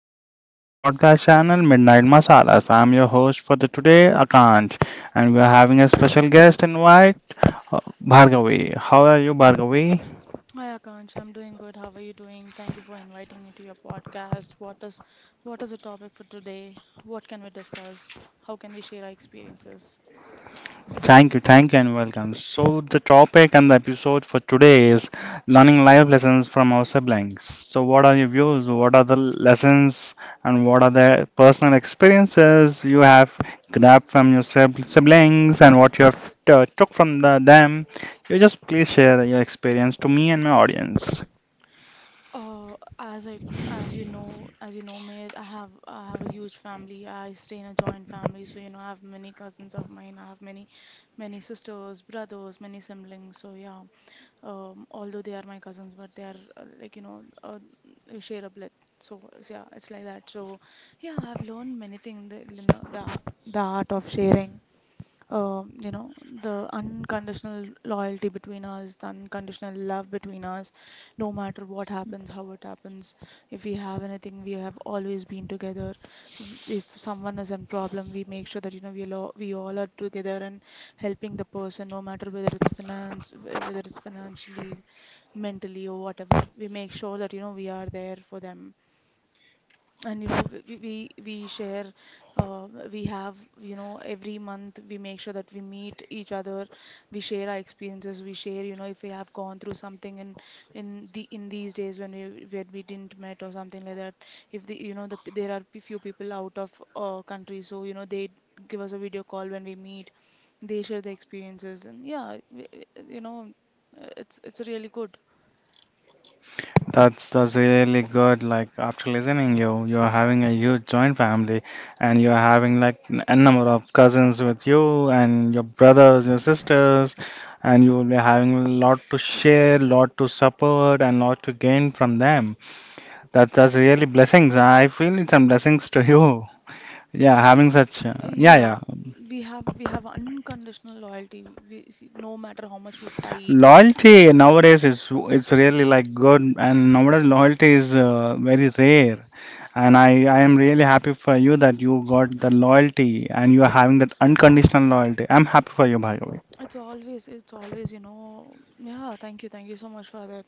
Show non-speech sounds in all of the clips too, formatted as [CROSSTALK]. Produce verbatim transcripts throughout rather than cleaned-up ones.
to my ch- podcast channel Midnight Masalas. I'm your host for the today, Akansh, and we are having a special guest invite, uh, Bhargavi. How are you, Bhargavi? Hi Akansh, I'm doing good. How are you doing? Thank you for inviting me to your podcast. What is what is the topic for today? What can we discuss? How can we share our experiences? Thank you, thank you, and welcome. So, the topic and the episode for today is learning life lessons from our siblings. So, what are your views? What are the lessons and what are the personal experiences you have grabbed from your sib- siblings and what you have t- took from the, them? You just please share your experience to me and my audience. Uh, as I as you know as you know me, I have I have a huge family. I stay in a joint family, so you know I have many cousins of mine. I have many many sisters, brothers, many siblings. So yeah, um, although they are my cousins, but they are uh, like, you know uh, we share a blood. So so yeah, it's like that. So yeah, I've learned many things. The, you know, the the art of sharing, um, you know, the unconditional loyalty between us, the unconditional love between us, no matter what happens, how it happens. If we have anything, we have always been together. W- If someone is in problem, we make sure that, you know, we all, we all are together and helping the person, no matter whether it's finance, whether it's financially, mentally, or whatever. We make sure that, you know, we are there for them. And you know we we we we share uh, we have, you know every month we make sure that we meet each other. We share our experiences. We share, you know if we have gone through something in in the in these days when we when we didn't met or something like that. If the you know the There are p- few people out of uh, country, so you know they give us a video call. When we meet, they share the experiences, and yeah, we, we- you know uh, it's it's really good. That's that's really good. Like after listening you, you're having a huge joint family and you're having like n- a number of cousins with you and your brothers, your sisters, and you will be having a lot to share, lot to support and lot to gain from them. That that's really blessings. I feel it's some blessings to you. Yeah, having It's such uh, uh, yeah, Yeah, yeah. we have we have unconditional loyalty. We see, no matter how much we fight. Loyalty nowadays is it's really like good and nowadays loyalty is uh, very rare. And I, I am really happy for you that you got the loyalty and you are having that unconditional loyalty. I'm happy for you, Bhargavi. It's always, it's always, you know, Yeah, thank you, thank you so much for that.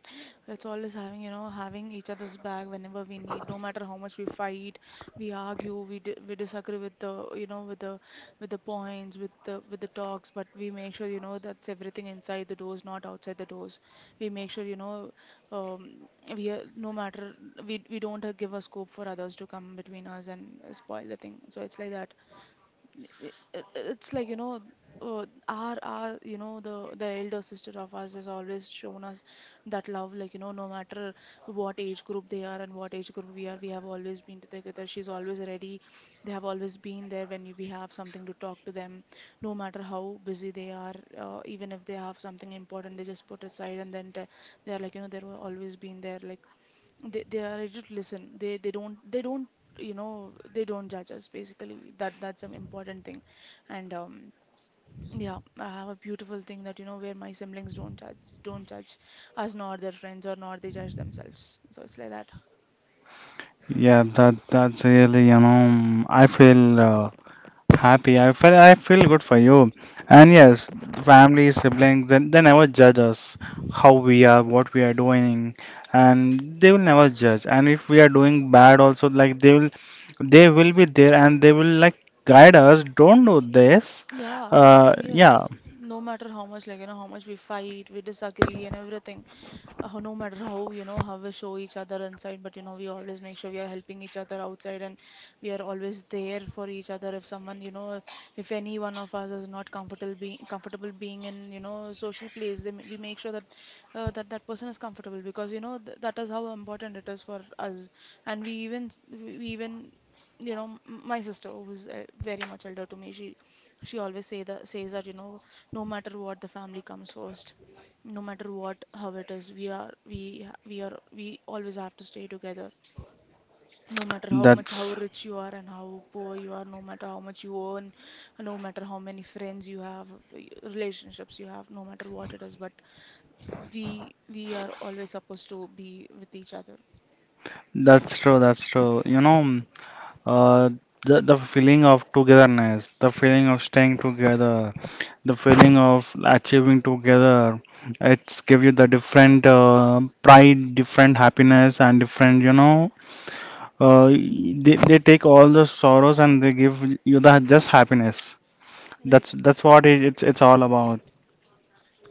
It's always having, you know, having each other's back whenever we need, no matter how much we fight, we argue, we di we disagree with the, you know, with the, with the points, with the, with the talks, but we make sure, you know, that's everything inside the doors, not outside the doors. We make sure, you know, um, we are, no matter, we we don't uh, give a scope for others to come between us and spoil the thing. So it's like that. It- it- it's like you know uh, our our, you know the the elder sister of us has always shown us that love, like you know no matter what age group they are and what age group we are, we have always been together. She's always ready. They have always been there when we have something to talk to them, no matter how busy they are. Uh, even if they have something important, they just put aside, and then t- they are, like you know they were always been there. like they they are ready to listen. They they don't they don't you know they don't, judge us basically. That that's an important thing. And um yeah, I have a beautiful thing that, you know where my siblings don't judge don't judge us, nor their friends, or nor they judge themselves. So it's like that. Yeah, that that's really you know I feel uh, happy. I feel I feel good for you. And yes, family, siblings, then they never judge us how we are, what we are doing, and they will never judge. And if we are doing bad, also like they will, they will be there and they will like guide us. Don't do this. Yeah, Uh, yeah, yes. No matter how much, like, you know, how much we fight, we disagree and everything. Uh, no matter how, you know, how we show each other inside, but, you know, we always make sure we are helping each other outside, and we are always there for each other. If someone, you know, If any one of us is not comfortable being comfortable being in, you know, social place, then we make sure that uh, that that person is comfortable, because, you know, th that is how important it is for us. And we even, s- we we even, you know, m- my sister who's uh, very much elder to me, she she always say that says that, you know no matter what, the family comes first. No matter what, how it is, we are we ha- we are we always have to stay together. No matter how much how that's rich you are and how poor you are, no matter how much you earn, no matter how many friends you have, y- relationships you have, no matter what it is, but we we are always supposed to be with each other. That's true, that's true. You know, mm, uh, the, the feeling of togetherness, the feeling of staying together, the feeling of achieving together, it's give you the different uh, pride, different happiness, and different, you know, uh, they, they take all the sorrows and they give you the just happiness. Right. That's that's what it, it's it's all about.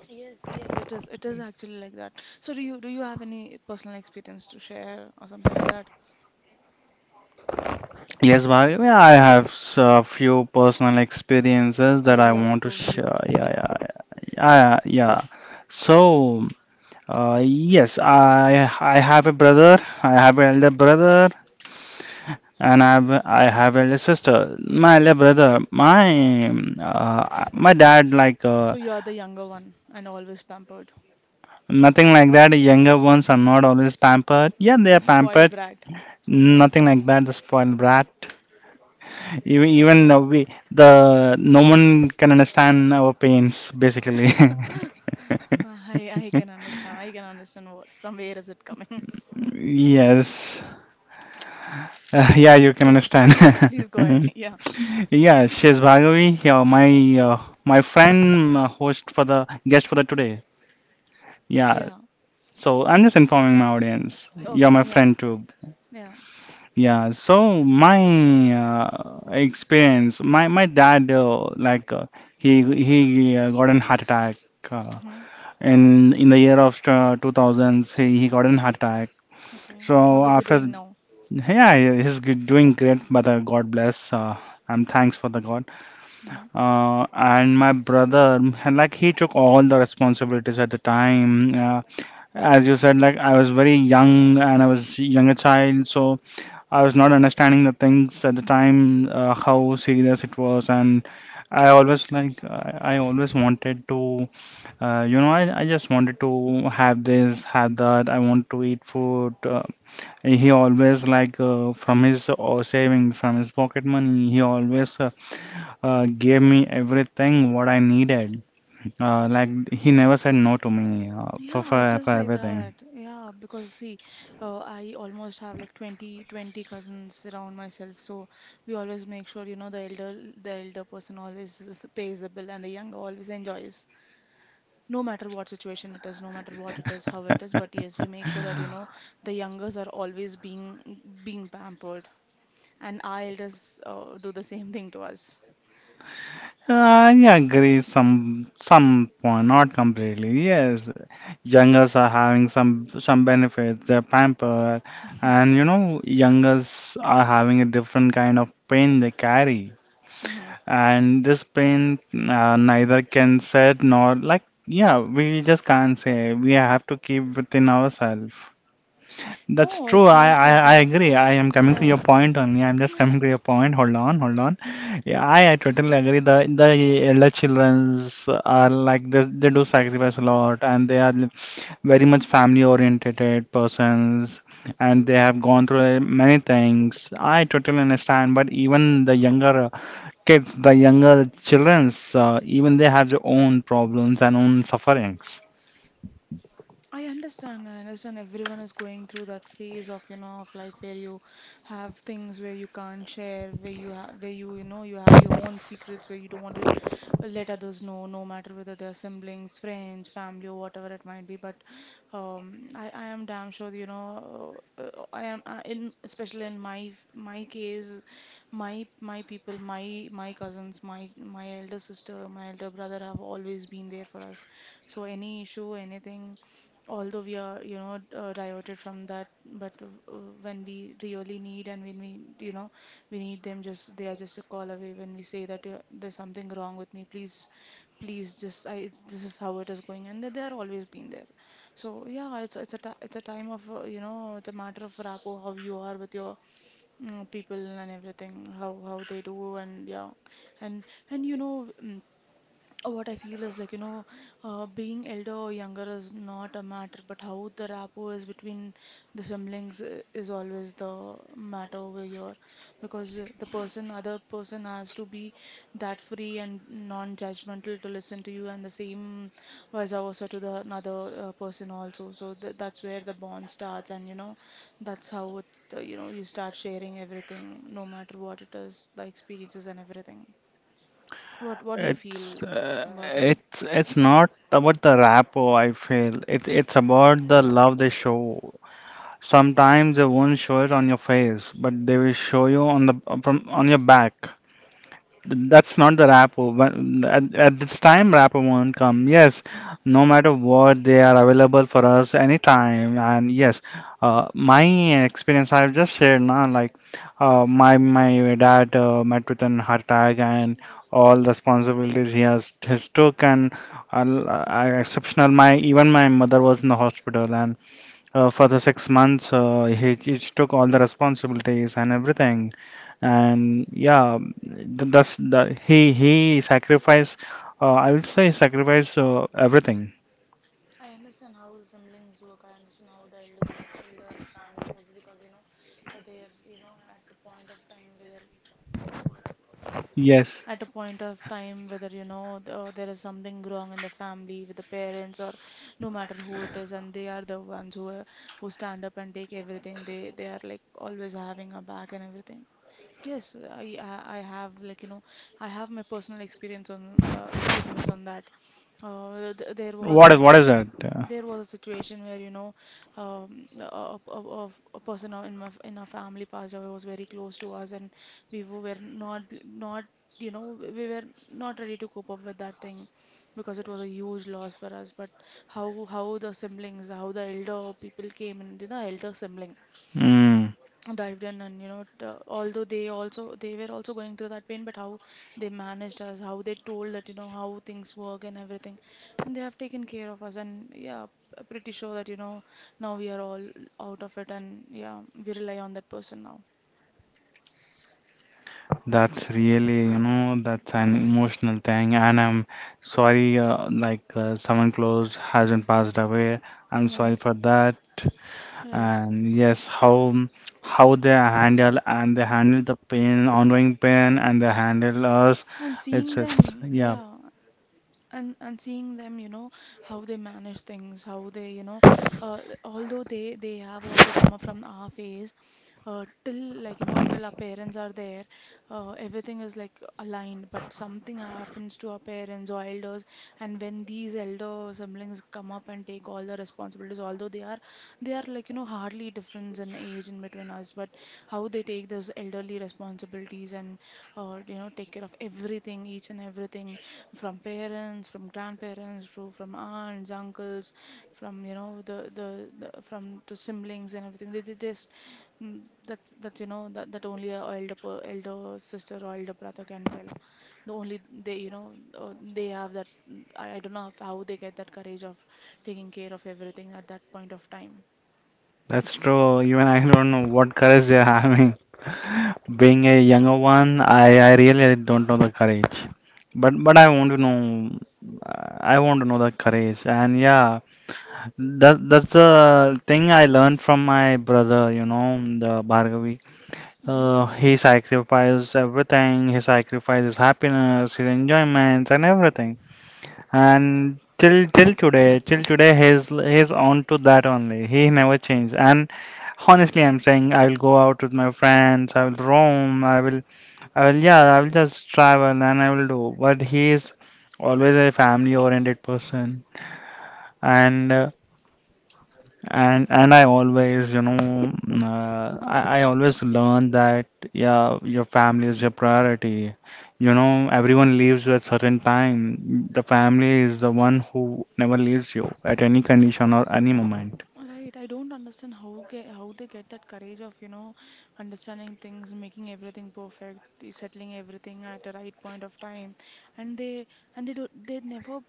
Yes, yes, it is it is actually like that. So do you do you have any personal experience to share or something like that? Yes, well, yeah, I have s- a few personal experiences I that would I love want to to hear. share. Yeah, Yeah. yeah, yeah, yeah. yeah. So. Uh, yes, I I have a brother. I have an elder brother, and I have I have elder sister. My elder brother, my uh, my dad like uh, So you are the younger one and always pampered. nothing like that. The Younger ones are not always pampered. Yeah, they are The spoiled pampered. brat. Nothing like that. The spoiled brat. Even Okay. even uh, we the no one can understand our pains basically. [LAUGHS] [LAUGHS] I I can understand. I can understand what, from where is it coming. [LAUGHS] Yes, Uh, yeah, you can Yes, yes. understand. please please go ahead. [LAUGHS] Yeah. [LAUGHS] Yeah, she's Bhargavi, yeah, my uh, my friend, uh, host for the guest for the today. Yeah, Yeah. so I'm just informing my audience. You're Okay. my Yeah. friend too. Yeah. Yeah, so my uh, experience, my my dad, uh, like uh, he he uh, got an heart attack uh, Hmm. in in the year of uh, two thousands. He he got an heart attack. Okay. So How is he after doing now? Yeah, he's g- doing great, brother. God bless. Uh, and thanks for the God. Hmm? Uh, and my brother, like he took all the responsibilities at the time. Uh, as you said, like I was very young and I was younger child, so I was not understanding the things at the time, uh, how serious it was, and I always like I, I always wanted to, uh, you know, I, I just wanted to have this, have that. I want to eat food. Uh, he always like uh, from his uh, saving, from his pocket money, he always uh, uh, gave me everything what I needed. Uh, like he never said no to me uh, for, Yeah, it for for is like everything. that. Yeah, because see, uh, I almost have like twenty, twenty cousins around myself. So we always make sure, you know, the elder, the elder person always s- pays the bill, and the younger always enjoys. No matter what situation it is, no matter what it is, how it is. But yes, [LAUGHS] we make sure that, you know, the youngers are always being being pampered. And our elders uh, do the same thing to us. I agree some some point, not completely. Yes, youngers are having some some benefits. They're pampered, and you know, youngers are having a different kind of pain they carry. Hmm. And this pain, uh, neither can said nor like, yeah, we just can't say. We have to keep within ourselves. That's No, true. it's I, not I, like I that. agree. I am coming to your Yeah. point only. I'm just coming to your point. Hold on, hold on. Yeah, I, I totally agree. The the elder childrens are like they, they do sacrifice a lot, and they are very much family oriented persons, and they have gone through many things. I totally understand. But even the younger kids, the younger childrens, uh, even they have their own problems and own sufferings. I understand. I understand everyone is going through that phase of, you know, of life where you have things, where you can't share, where you have, where you, you know, you have your own secrets, where you don't want let others know, no matter whether they are siblings, friends, family, or whatever it might be. But um, I, I am damn sure, you know, uh, I am, uh, in especially in my my case, my my people, my my cousins, my my elder sister, my elder brother have always been there for us. So any issue, anything, although we are, you know, uh, diverted from that, but uh, uh, when we really need, and when we, you know, we need them, just they are just a call away. When we say that uh, there's something wrong with me, please, please, just I, it's, this is how it is going, and they they are always been there. So yeah, it's it's a ti it's a time of, uh, you know, it's a matter of rapport, how you are with your mm, people and everything, how how they do, and yeah. and and you know. Mm, what I feel is like, you know, uh, being elder or younger is not a matter, but how the rapport is between the siblings i- is always the matter over here. Because uh, the person, other person has to be that free and non-judgmental to listen to you, and the same vice versa to the another uh, person also. So th that's where the bond starts, and, you know, that's how it, uh, you know, you start sharing everything, no matter what it is, the experiences and everything. What what do you It's feel uh, about it? it's it's not about the rapport, I feel. It's it's about the love they show. Sometimes they won't show it on your face, but they will show you on the from on your back. That's not the wrapper. When- At, at this time, wrapper won't come. Yes, no matter what, they are available for us anytime. And yes, uh, my experience I've just shared now, like uh, my my dad uh, met with an heart attack and all the responsibilities he has his took and uh, I- exceptional. My even my mother was in the hospital and uh, for the six months uh, he, he took all the responsibilities and everything and yeah th- that's the he he sacrificed uh, I would say sacrifice uh, everything I understand how the siblings work. I understand how the elders of elder in the family works, because, you know uh, they're, you know at the point of time whether Yes. at a point of time, whether you know th- uh, there is something wrong in the family with the parents, or no matter who it is, and they are the ones who are, who stand up and take everything. They they are like always having a back and everything. Yes, I I I have, like you know I have my personal experience on uh, experiences on that. Uh, th There was a what is what is situation. that Uh, There was a situation where, you know, um, a, a, a, a person in my, in our family passed away, was very close to us, and we w- were not, not, you know, we were not ready to cope up with that thing, because it was a huge loss for us. But how, how the siblings, how the elder people came in, the elder sibling mm, dived in, and you know t- although they also they were also going through that pain. But how they managed us, how they told that you know how things work and everything, and they have taken care of us. And yeah, p- pretty sure that you know now we are all out of it, and yeah, we rely on that person now. that's really you know that's an emotional thing and I'm sorry uh, like uh, someone close hasn't passed away I'm sorry Right. for that Right. and yes how how they handle and they handle the pain ongoing pain and they handle us And seeing it's it's them, yeah yeah. And and seeing them, you know, how they manage things, how they, you know uh, although they they have also come up from our phase. Uh, till, like, you know till our parents are there, uh, everything is, like, aligned. But something happens to our parents or elders, and when these elder siblings come up and take all the responsibilities, although they are they are, like, you know hardly difference in age in between us. But how they take those elderly responsibilities and, uh, you know take care of everything, each and everything, from parents, from grandparents, to from aunts, uncles, from, you know the the, the from to siblings and everything. They, they just, mm, that's that's you know that that only a elder per- elder sister or elder brother can tell. The only they you know uh, they have that. I, I don't know how they get that courage of taking care of everything at that point of time. That's true. Even I don't know what courage they are having. Being a younger one, I, I really don't know the courage. But but I want to know. uh, I want to know the courage. And yeah, that that's the thing I learned from my brother. You know, the Bhargavi. Hmm. Uh, he sacrificed everything. He sacrificed his happiness, his enjoyments, and everything. And till till today, till today, he's he's on to that only. He never changed. And Honestly, I'm saying I will go out with my friends, I will roam, I will, I will, yeah, I will just travel and I will do. But he is always a family-oriented person, and uh, and and I always, you know, mm, uh, I, I always learn that yeah, your family is your priority. You know, everyone leaves you at certain time. The family is the one who never leaves you at any condition or any moment. Right, I don't understand how ge how they get that courage of, you know, understanding things, making everything perfect, eh, settling everything at the right point of time, and they and they do. They never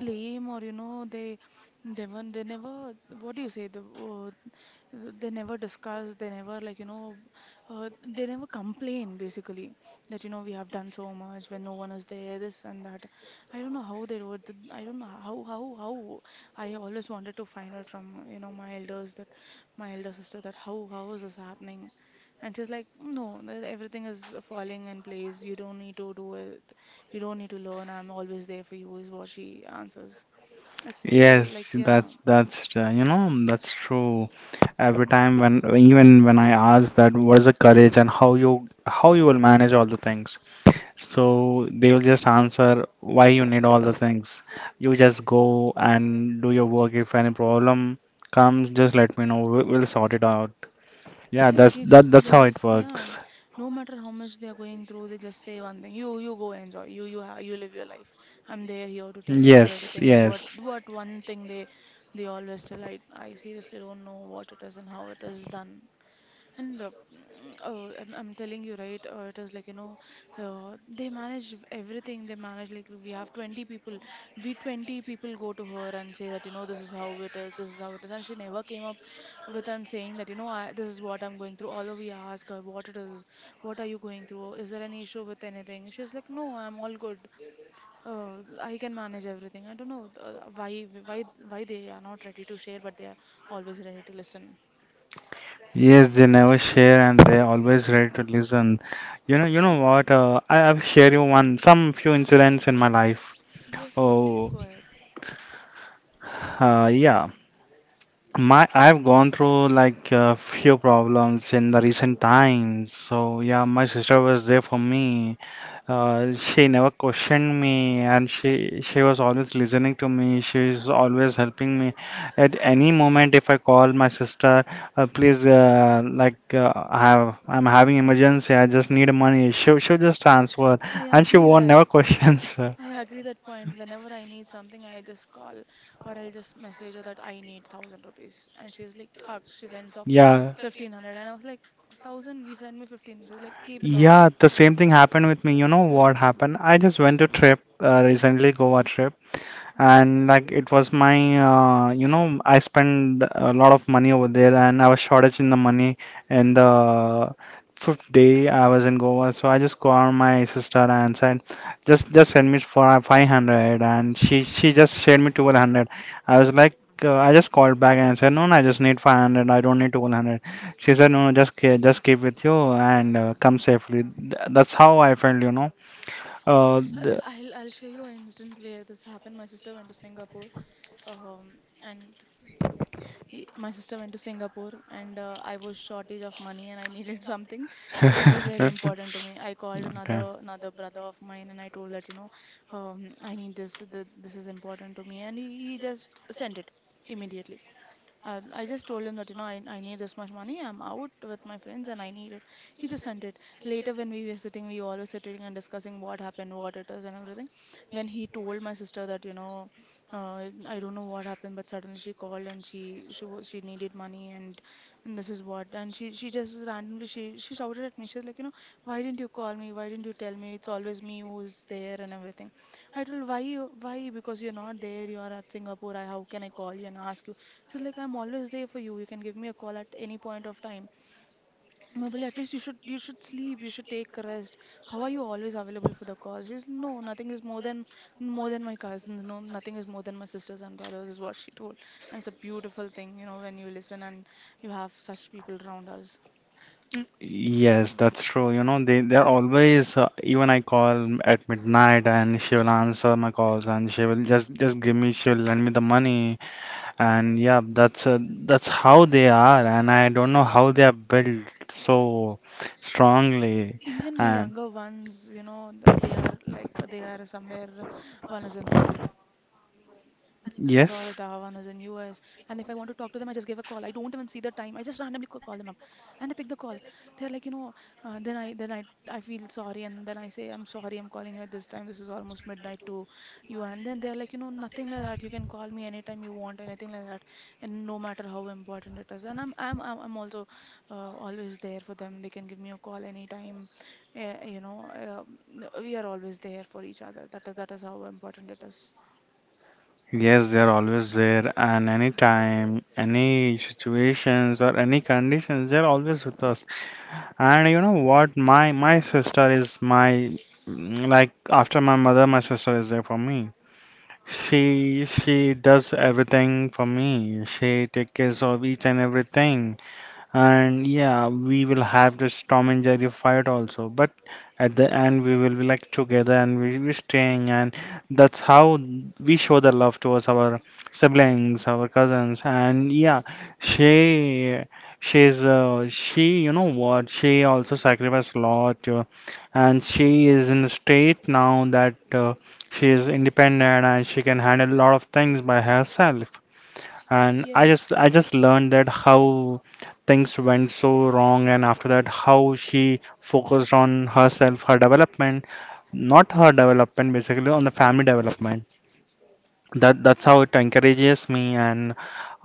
blame, or you know they never they never what do you say, the uh, they never discuss, they never like you know uh, they never complain, basically, that you know we have done so much when no one is there, this and that. I don't know how they do it. th- I don't know, how how how. I always wanted to find out from, you know my elders, that my elder sister, that how how is this happening. And she's like, no, th- everything is falling in place, you don't need to do it, you don't need to learn, I'm always there for you, is what she answers. It's it's a- Yes, like, yeah. that's that's uh, you know that's true. Every time when even when I ask that what is the courage and how you how you will manage all the things, so they will just answer why you need all the things. You just go and do your work. If any problem comes, just let me know. We'll, we'll sort it out. Yeah, Right, that's they that just that's they how it just yeah. works. No matter how much they are going through, they just say one thing. You you go enjoy. You you ha you live your life. I'm there, here to take care of Yes, everything, is what yes. what one thing they they always tell. I I seriously don't know what it is and how it is done. And uh, mm, oh, I'm, I'm telling you, right? Uh, it is, like, you know, uh, they manage everything. They manage, like, we have twenty people. We twenty people go to her and say that, you know, this is how it is, this is how it is. And she never came up with and saying that, you know, I, this is what I'm going through. Although we ask her, what it is, what are you going through? Is there any issue with anything? She's like, no, I'm all good. Uh, I can manage everything. I don't know uh, why, why, why they are not ready to share, but they are always ready to listen. Yes, they never share and they always ready to listen. You know, you know what? Uh, I, I'll share you one, some few incidents in my life. Yes, yes, please Oh, go ahead. uh, yeah. My, I've gone through like a few problems in the recent times. So yeah, my sister was there for me. Uh, she never questioned me, and she she was always listening to me. She is always helping me. At any moment, if I call my sister, uh, please, uh, like uh, I have I'm having emergency. I just need money. She she just transfer, I and she agree won't that. never questions. [LAUGHS] I agree that point. Whenever I need something, I just call, or I'll just message her that I need thousand rupees. And she's like, Thug. She sends off Yeah, fifteen hundred. And I was like, thousand, you send me fifteen. She's like, keep it off. yeah. The same thing happened with me. You know what Yeah. happened? I just went to trip uh, recently, Goa trip. And like it was my uh, you know I spent a lot of money over there and I was shortage in the money and the fifth day I was in Goa so I just called my sister and said just just send me for five hundred and she she just sent me twelve hundred I was like uh, I just called back and said no no I just need five hundred I don't need twelve hundred she said no no, just ke- just keep with you and uh, come safely Th- that's how I felt you know uh, Uh, I'll I'll show you an incident where this happened. My sister went to Singapore, um, and he- my sister went to Singapore, and uh, I was shortage of money and I needed [LAUGHS] something. It was very the- important to me. I called another [LAUGHS] [LAUGHS] another brother of mine and I told that, you know, um, I need this. Th this is important to me, and he, he just sent it immediately. Uh, I just told him that, you know, I, I need this much money. I'm out with my friends and I need it. He just sent it. Later, when we were sitting, we all were sitting and discussing what happened, what it is, and everything. When he told my sister that, you know, uh, I don't know what happened, but suddenly she called and she she wa- she needed money, and and this is what. And she she just randomly she she shouted at me. She's like, you know, why didn't you call me? Why didn't you tell me? It's always me who's there and everything. I told, why you why? Because you're not there. You are at Singapore. I, how can I call you and ask you? She's like, I'm always there for you. You can give me a call at any point of time. Mobile, at least you should you should sleep. You should take a rest. How are you always available for the call? She's, no, nothing is more than more than my cousins. No, nothing is more than my sisters and brothers, is what she told. And it's a beautiful thing, you know, when you listen and you have such people around us. Yes, that's true. You know, they they're always uh, even I call at midnight and she will answer my calls and she will just just give me she'll lend me the money and yeah, that's uh, that's how they are and I don't know how they are built so strongly. Even my And younger ones, you know, th- they are, like, they are somewhere. uh, One is in Florida, one is in U S. And if I want to yes, talk to them, I just give a call. I don't even see the time. I just randomly ca- call them up, and they pick the call. They're like, you know, uh, then I then I I feel sorry, and then I say, I'm sorry, I'm calling you at this time, this is almost midnight to you. And then they're like, you know, nothing like that. You can call me anytime you want, anything like that, and no matter how important it is. And I'm I'm I'm I'm also uh, always there for them. They can give me a call anytime, uh, you know, um, we are always there for each other. That that is how important it is. yes, they're always there and anytime, any situations or any conditions, they're always with us. And you know what? My my sister is my like after my mother, my sister is there for me. She she does everything for me. She takes care of each and everything, and yeah, we will have this Tom and Jerry fight also, but at the end we will be like together and we will be staying, and that's how we show the love towards our siblings, our cousins, and yeah. she she's uh, she, you know what, she also sacrificed a lot, uh, and she is in the state now that, uh, she is independent and she can handle a lot of things by herself. And I Yes. just I just learned that how things went so wrong, and after that how she focused on herself, her development, not her development, basically on the family development. That that's how it encourages me. And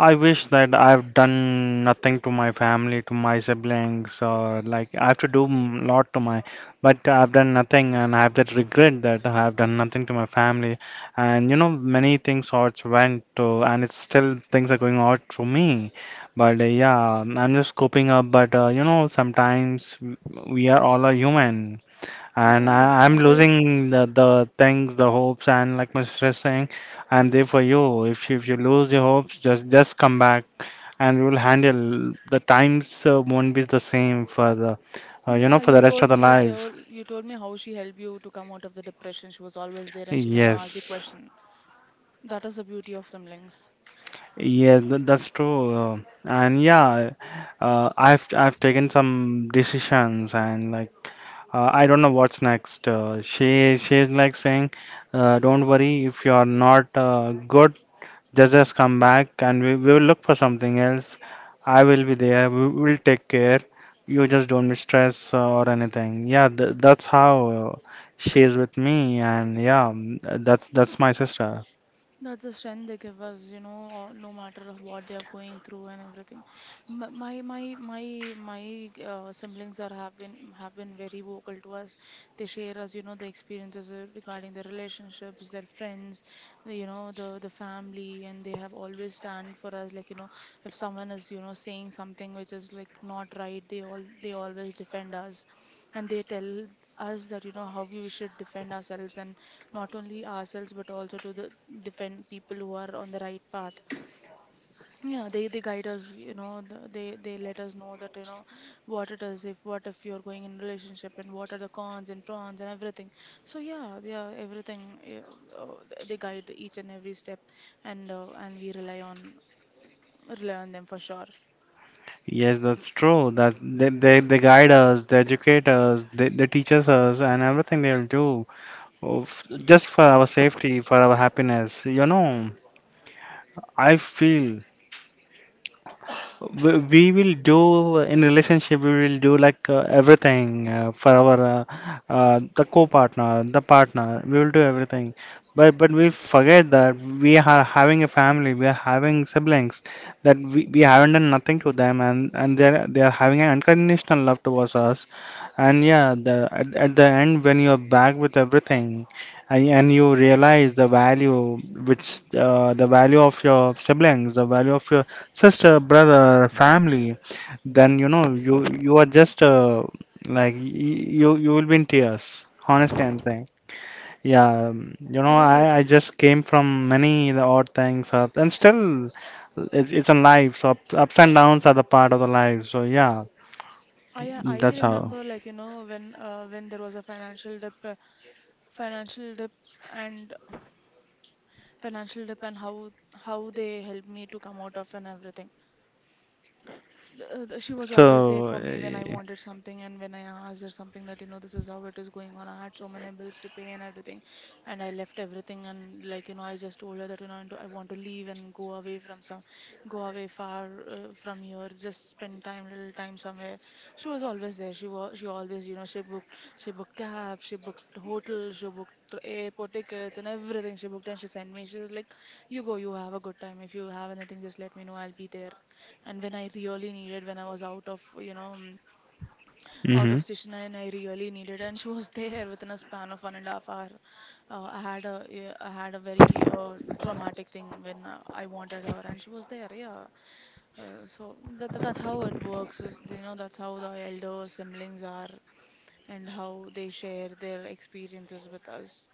I wish that I've done nothing to my family, to my siblings, or like I have to do a lot to my, but I've done nothing, and I have that regret that I have done nothing to my family. And you know, many things odds went to, and it's still things are going out to me. But uh, yeah, I'm just coping up, but uh, you know, sometimes we are all a human. And Right, I, I'm it is. losing the, the things, the hopes, and like Mister is saying, I'm there for you. If you, if you lose your hopes, just just come back, and we will handle. The times uh, won't be the same for the, uh, you know, Yeah, for you the rest told of the me you life. told you told me how she helped you to come out of the depression. She was always there and she never asked you Yes, question. That is the beauty of siblings. yes, tha- that's true. Uh, and yeah, uh, I've I've taken some decisions, and like, uh, I don't know what's next. Uh, she she's like saying, uh, don't worry if you are not uh, good. Just just come back, and we, we will look for something else. I will be there. We will take care. You just don't be stressed or anything. Yeah, th that's how uh, she is with me, and yeah, mm, that's that's my sister. That's the strength they give us, you know, or no matter what they are going through and everything. M- My my my my uh, siblings are have been have been very vocal to us. They share us, you know, the experiences, uh, regarding their relationships, their friends, the- you know, the the family, and they have always stand for us. Like, you know, if someone is, you know saying something which is, like, not right, they all they always defend us, and they tell us that, you know how we should defend ourselves and not only ourselves but also to, the defend people who are on the right path. Yeah, they they guide us, you know, the, they they let us know that, you know, what it is, if what if you're going in relationship and what are the cons and pros and everything. So yeah, yeah, everything, yeah, uh, th- they guide each and every step, and uh, and we rely on rely on them for sure. Yes, that's true. That they, they, they guide us, they educate us, they, they teach us us, and everything they'll do, of- just for our safety, for our happiness. You know, I feel we will do in relationship, we will do like uh, everything uh, for our uh, uh, the co-partner the partner. We will do everything, but but we forget that we are having a family, we are having siblings, that we, we haven't done nothing to them, and and they're they are having an unconditional love towards us. And yeah, the at, at the end, when you're back with everything, and, and you realize the value, which uh, the value of your siblings, the value of your sister, brother, family, then you know you you are just uh, like y- you you will be in tears. Honestly, I'm saying. Yeah, um, you know, Right. I, I um, just came from many the odd things, uh, and still, it's it's a life. So up, ups and downs are the part of the life. So yeah, I I that's how. remember, like, you know, when uh, when there was a financial dip, uh, financial dip and financial dip, and how how they helped me to come out of and everything. Uh, th- she was always there So, for me when I wanted something and when I asked her something that, you know, this is how it is going on. I had so many bills to pay and everything, and I left everything, and, like, you know, I just told her that, you know, I do- I want to leave and go away from some, go away far uh, from here, just spend time, little time somewhere. She was always there. She was, she always, you know, she booked, she booked cab, she booked hotel, she booked tr- airport tickets, and everything she booked, and she sent me. She was like, you go, you have a good time. If you have anything, just let me know, I'll be there. And when I really needed, when I was out of, you know mm, out mm-hmm. of session, and I really needed, and she was [LAUGHS] there within a span of one and a half hour. Uh, I had a, yeah, I had a very uh, traumatic thing when uh, I wanted her and she was there. Yeah, uh, so that that's how it works. uh, You know that's how the elder siblings are and how they share their experiences with us.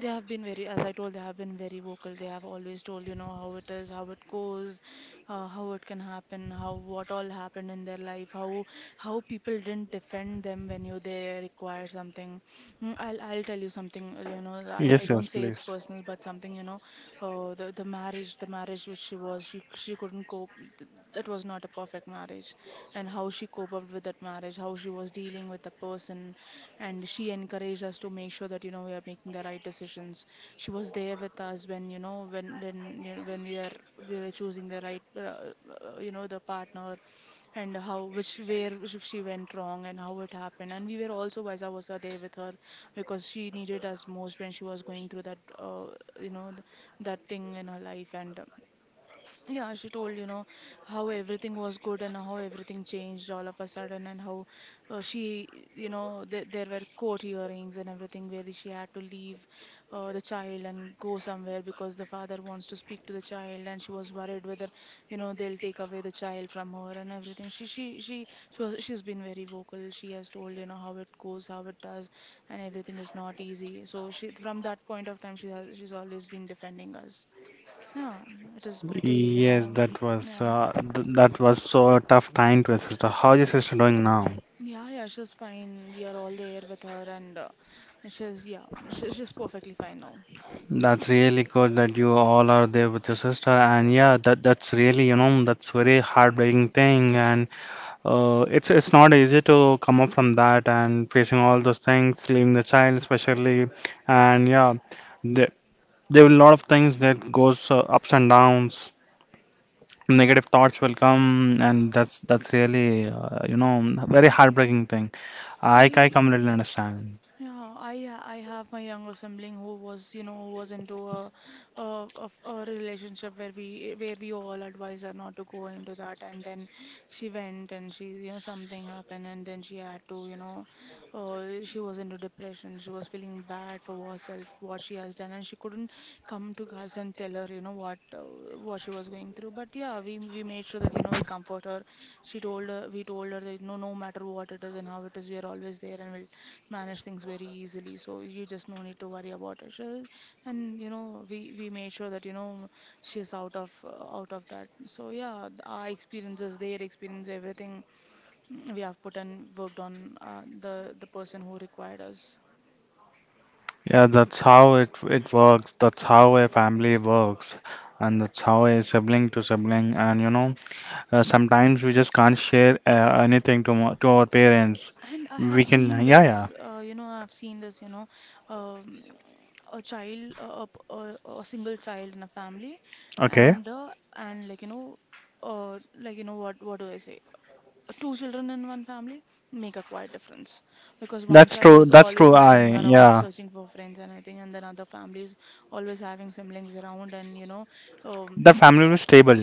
They have been very, as I told, they have been very vocal. They have always told, you know, how it is, how it goes, uh, how it can happen, how what all happened in their life, how how people didn't defend them when you they require something. Mm, I'll I'll tell you something, you know, I, I Yes, yes, don't say it's please. personal, but something, you know, uh, the the marriage, the marriage which she was, she she couldn't cope. th- That was not a perfect marriage, and how she coped up with that marriage, how she was dealing with the person, and she encouraged us to make sure that you know we are making the right decisions. She was there with us when you know when when you know, when we are we were choosing the right uh, uh, you know the partner, and how which where which she went wrong and how it happened, and we were also vice versa there with her because she needed us most when she was going through that, uh, you know th- that thing in her life. And uh, yeah, she told, you know, how everything was good and how everything changed all of a sudden, and how uh, she, you know, th there were court hearings and everything where she had to leave uh, the child and go somewhere because the father wants to speak to the child, and she was worried whether, you know, they'll take away the child from her and everything. She, she, she, she was, she's been very vocal. She has told, you know, how it goes, how it does, and everything is not easy. So she, from that point of time, she has, she's always been defending us. Yeah, it is pretty, you Yes, know. that was Yeah, uh, th that was so tough time to your sister. How's your sister doing now? yeah, yeah. She's fine. We are all there with her, and uh, she's yeah, she, she's perfectly fine now. That's really good that you all are there with your sister, and yeah, that that's really, you know, that's very heartbreaking thing. And uh, it's it's not easy to come up from that and facing all those things, leaving the child especially, and yeah, there there will a lot of things that goes uh, ups and downs. Negative thoughts will come, and that's that's really, uh, you know, very heartbreaking thing. I I I completely understand. Yeah, I ha- I have my younger sibling who was you know who was into a a, a f- a relationship where we where we all advised her not to go into that, and then she went and she you know something happened, and then she had to you know uh, she was into depression. She was feeling bad for herself, what she has done, and she couldn't come to us and tell her, you know, what uh, what she was going through. But yeah, we we made sure that you know we comfort her. She told her, we told her that no, no matter what it is and how it is, we are always there, and we'll manage things very easily. So you just no need to worry about it. She'll- And you know, we we made sure that you know she is out of uh, out of that. So yeah, th- our experiences, their experience, everything. Mm, we have put and worked on uh, the the person who required us. Yeah, that's how it it works. That's how a family works, and that's how a sibling to sibling. And you know, uh, sometimes we just can't share uh, anything to mo- to our parents. And I We have can, seen yeah, yeah. this, uh, you know I've seen this you know um, a child, a a a a single child in a family, Okay, and uh, and like you know uh, like you know what what do I say. Uh, two children in one family make a quite difference, because one that's child true. is That's always true. I hanging around yeah, searching for friends and everything, and then other families always having siblings around and you know um, the family was stable.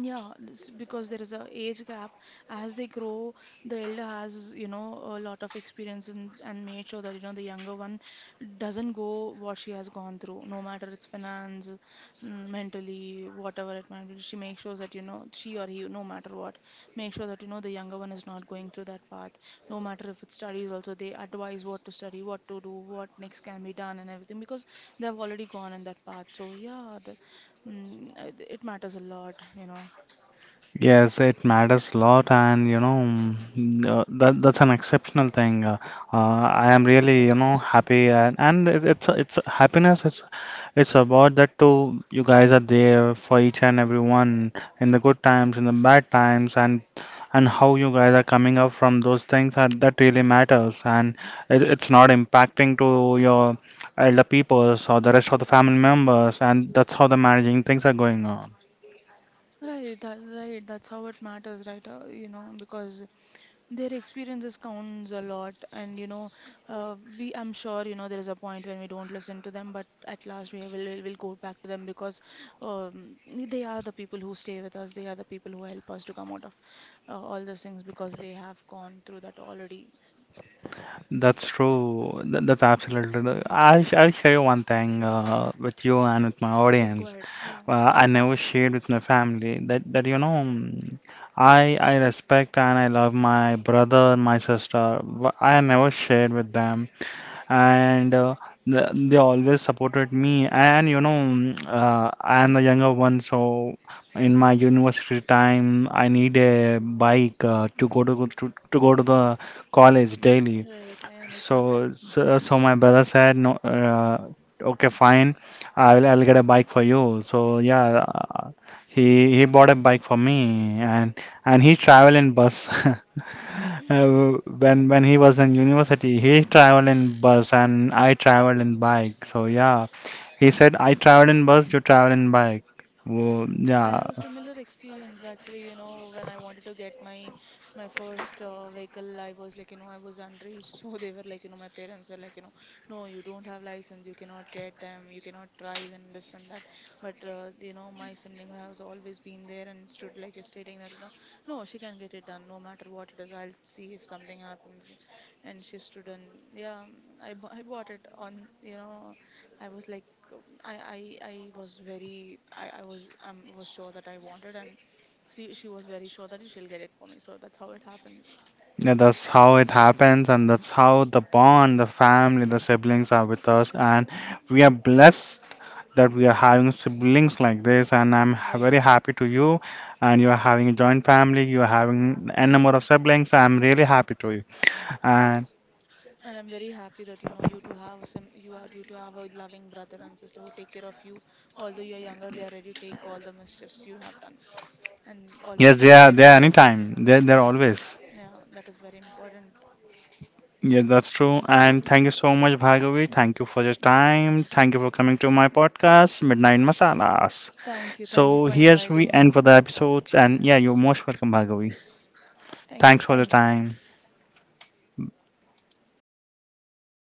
yeah, this- because there is a age gap. As they grow, the elder has, you know, a lot of experience, and, and made sure that, you know, the younger one doesn't go what she has gone through, no matter it's finance, mm, mentally, whatever it might be. She makes sure that, you know, she or he, no matter what, make sure that, you know, the younger one is not going through that path. No matter if it studies also, they advise what to study, what to do, what next can be done and everything, because they have already gone in that path. So yeah, the, mm, uh, it matters a lot, you know. Yes, it matters a lot, and you know, mm, uh, that that's an exceptional thing. Uh, uh, I am really, you know, happy, and and it, it's it's happiness. It's It's about that too. You guys are there for each and every one in the good times, in the bad times, and and how you guys are coming up from those things are, that really matters. And it, it's not impacting to your elder peoples or the rest of the family members. And that's how the managing things are going on. Right, that, right. That's how it matters, right? Uh, you know, because their experiences counts a lot, and you know, uh, we. I'm sure you know there is a point when we don't listen to them, but at last we will will will go back to them because um, they are the people who stay with us. They are the people who help us to come out of uh, all those things because they have gone through that already. That's true. That, that's absolutely. I'll I'll share you one thing uh, with you and with my Please go audience. ahead. Yeah, Uh, I never shared with my family that that you know, mm, I I respect and I love my brother and my sister, but I never shared with them. And uh, they, they always supported me. And you know, mm, uh, I am the younger one, so in my university time I need a bike uh, to go to, to to go to the college daily. right. I understand. So, so, so my brother said, no, uh, okay, fine, I'll, I'll get a bike for you. So yeah, uh, he he bought a bike for me, and and he travel in bus. [LAUGHS] Uh, when when he was in university, he traveled in bus, and I traveled in bike. So yeah, he said I travel in bus, you travel in bike. Well, I yeah, have a similar experience actually, you know, when I wanted to get my my first uh, vehicle. I was like, you know, I was underage, [LAUGHS] so they were like, you know, my parents were like, you know, no, you don't have license, you cannot get them, you cannot drive and this and that. But uh, you know, my sibling has always been there and stood like you're stating that, you know, no, she can get it done, no matter what it is, I'll see if something happens. And she stood, and yeah, I bu- I bought it on, you know, I was like, um, I, I, I was very, I, I was, um, was sure that I wanted, and she, she was very sure that she'll get it for me. So that's how it happened, yeah, that's how it happens, and that's how the bond, the family, the siblings are with us, and we are blessed that we are having siblings like this, and I'm ha- very right? happy to you. And you are having a joint family, you are having n number of siblings, so I'm really happy to you. And And I'm very happy that you know you to have some, you are you to have a loving brother and sister who take care of you. Although you're younger, they are ready to take all the mischiefs you have done, and always yes, they been are, there they for are you. anytime. They are they're Yeah, always. yeah, that is very important. Yeah, that's true. And thank you Yeah. so much, Bhargavi. Thank you for your time. Thank you for coming to my podcast, Midnight Masalas. Thank you, thank you So for here's we inviting end me. for the episodes. And yeah, you're most welcome, Bhargavi. Thank you, Thanks for the thank you. time.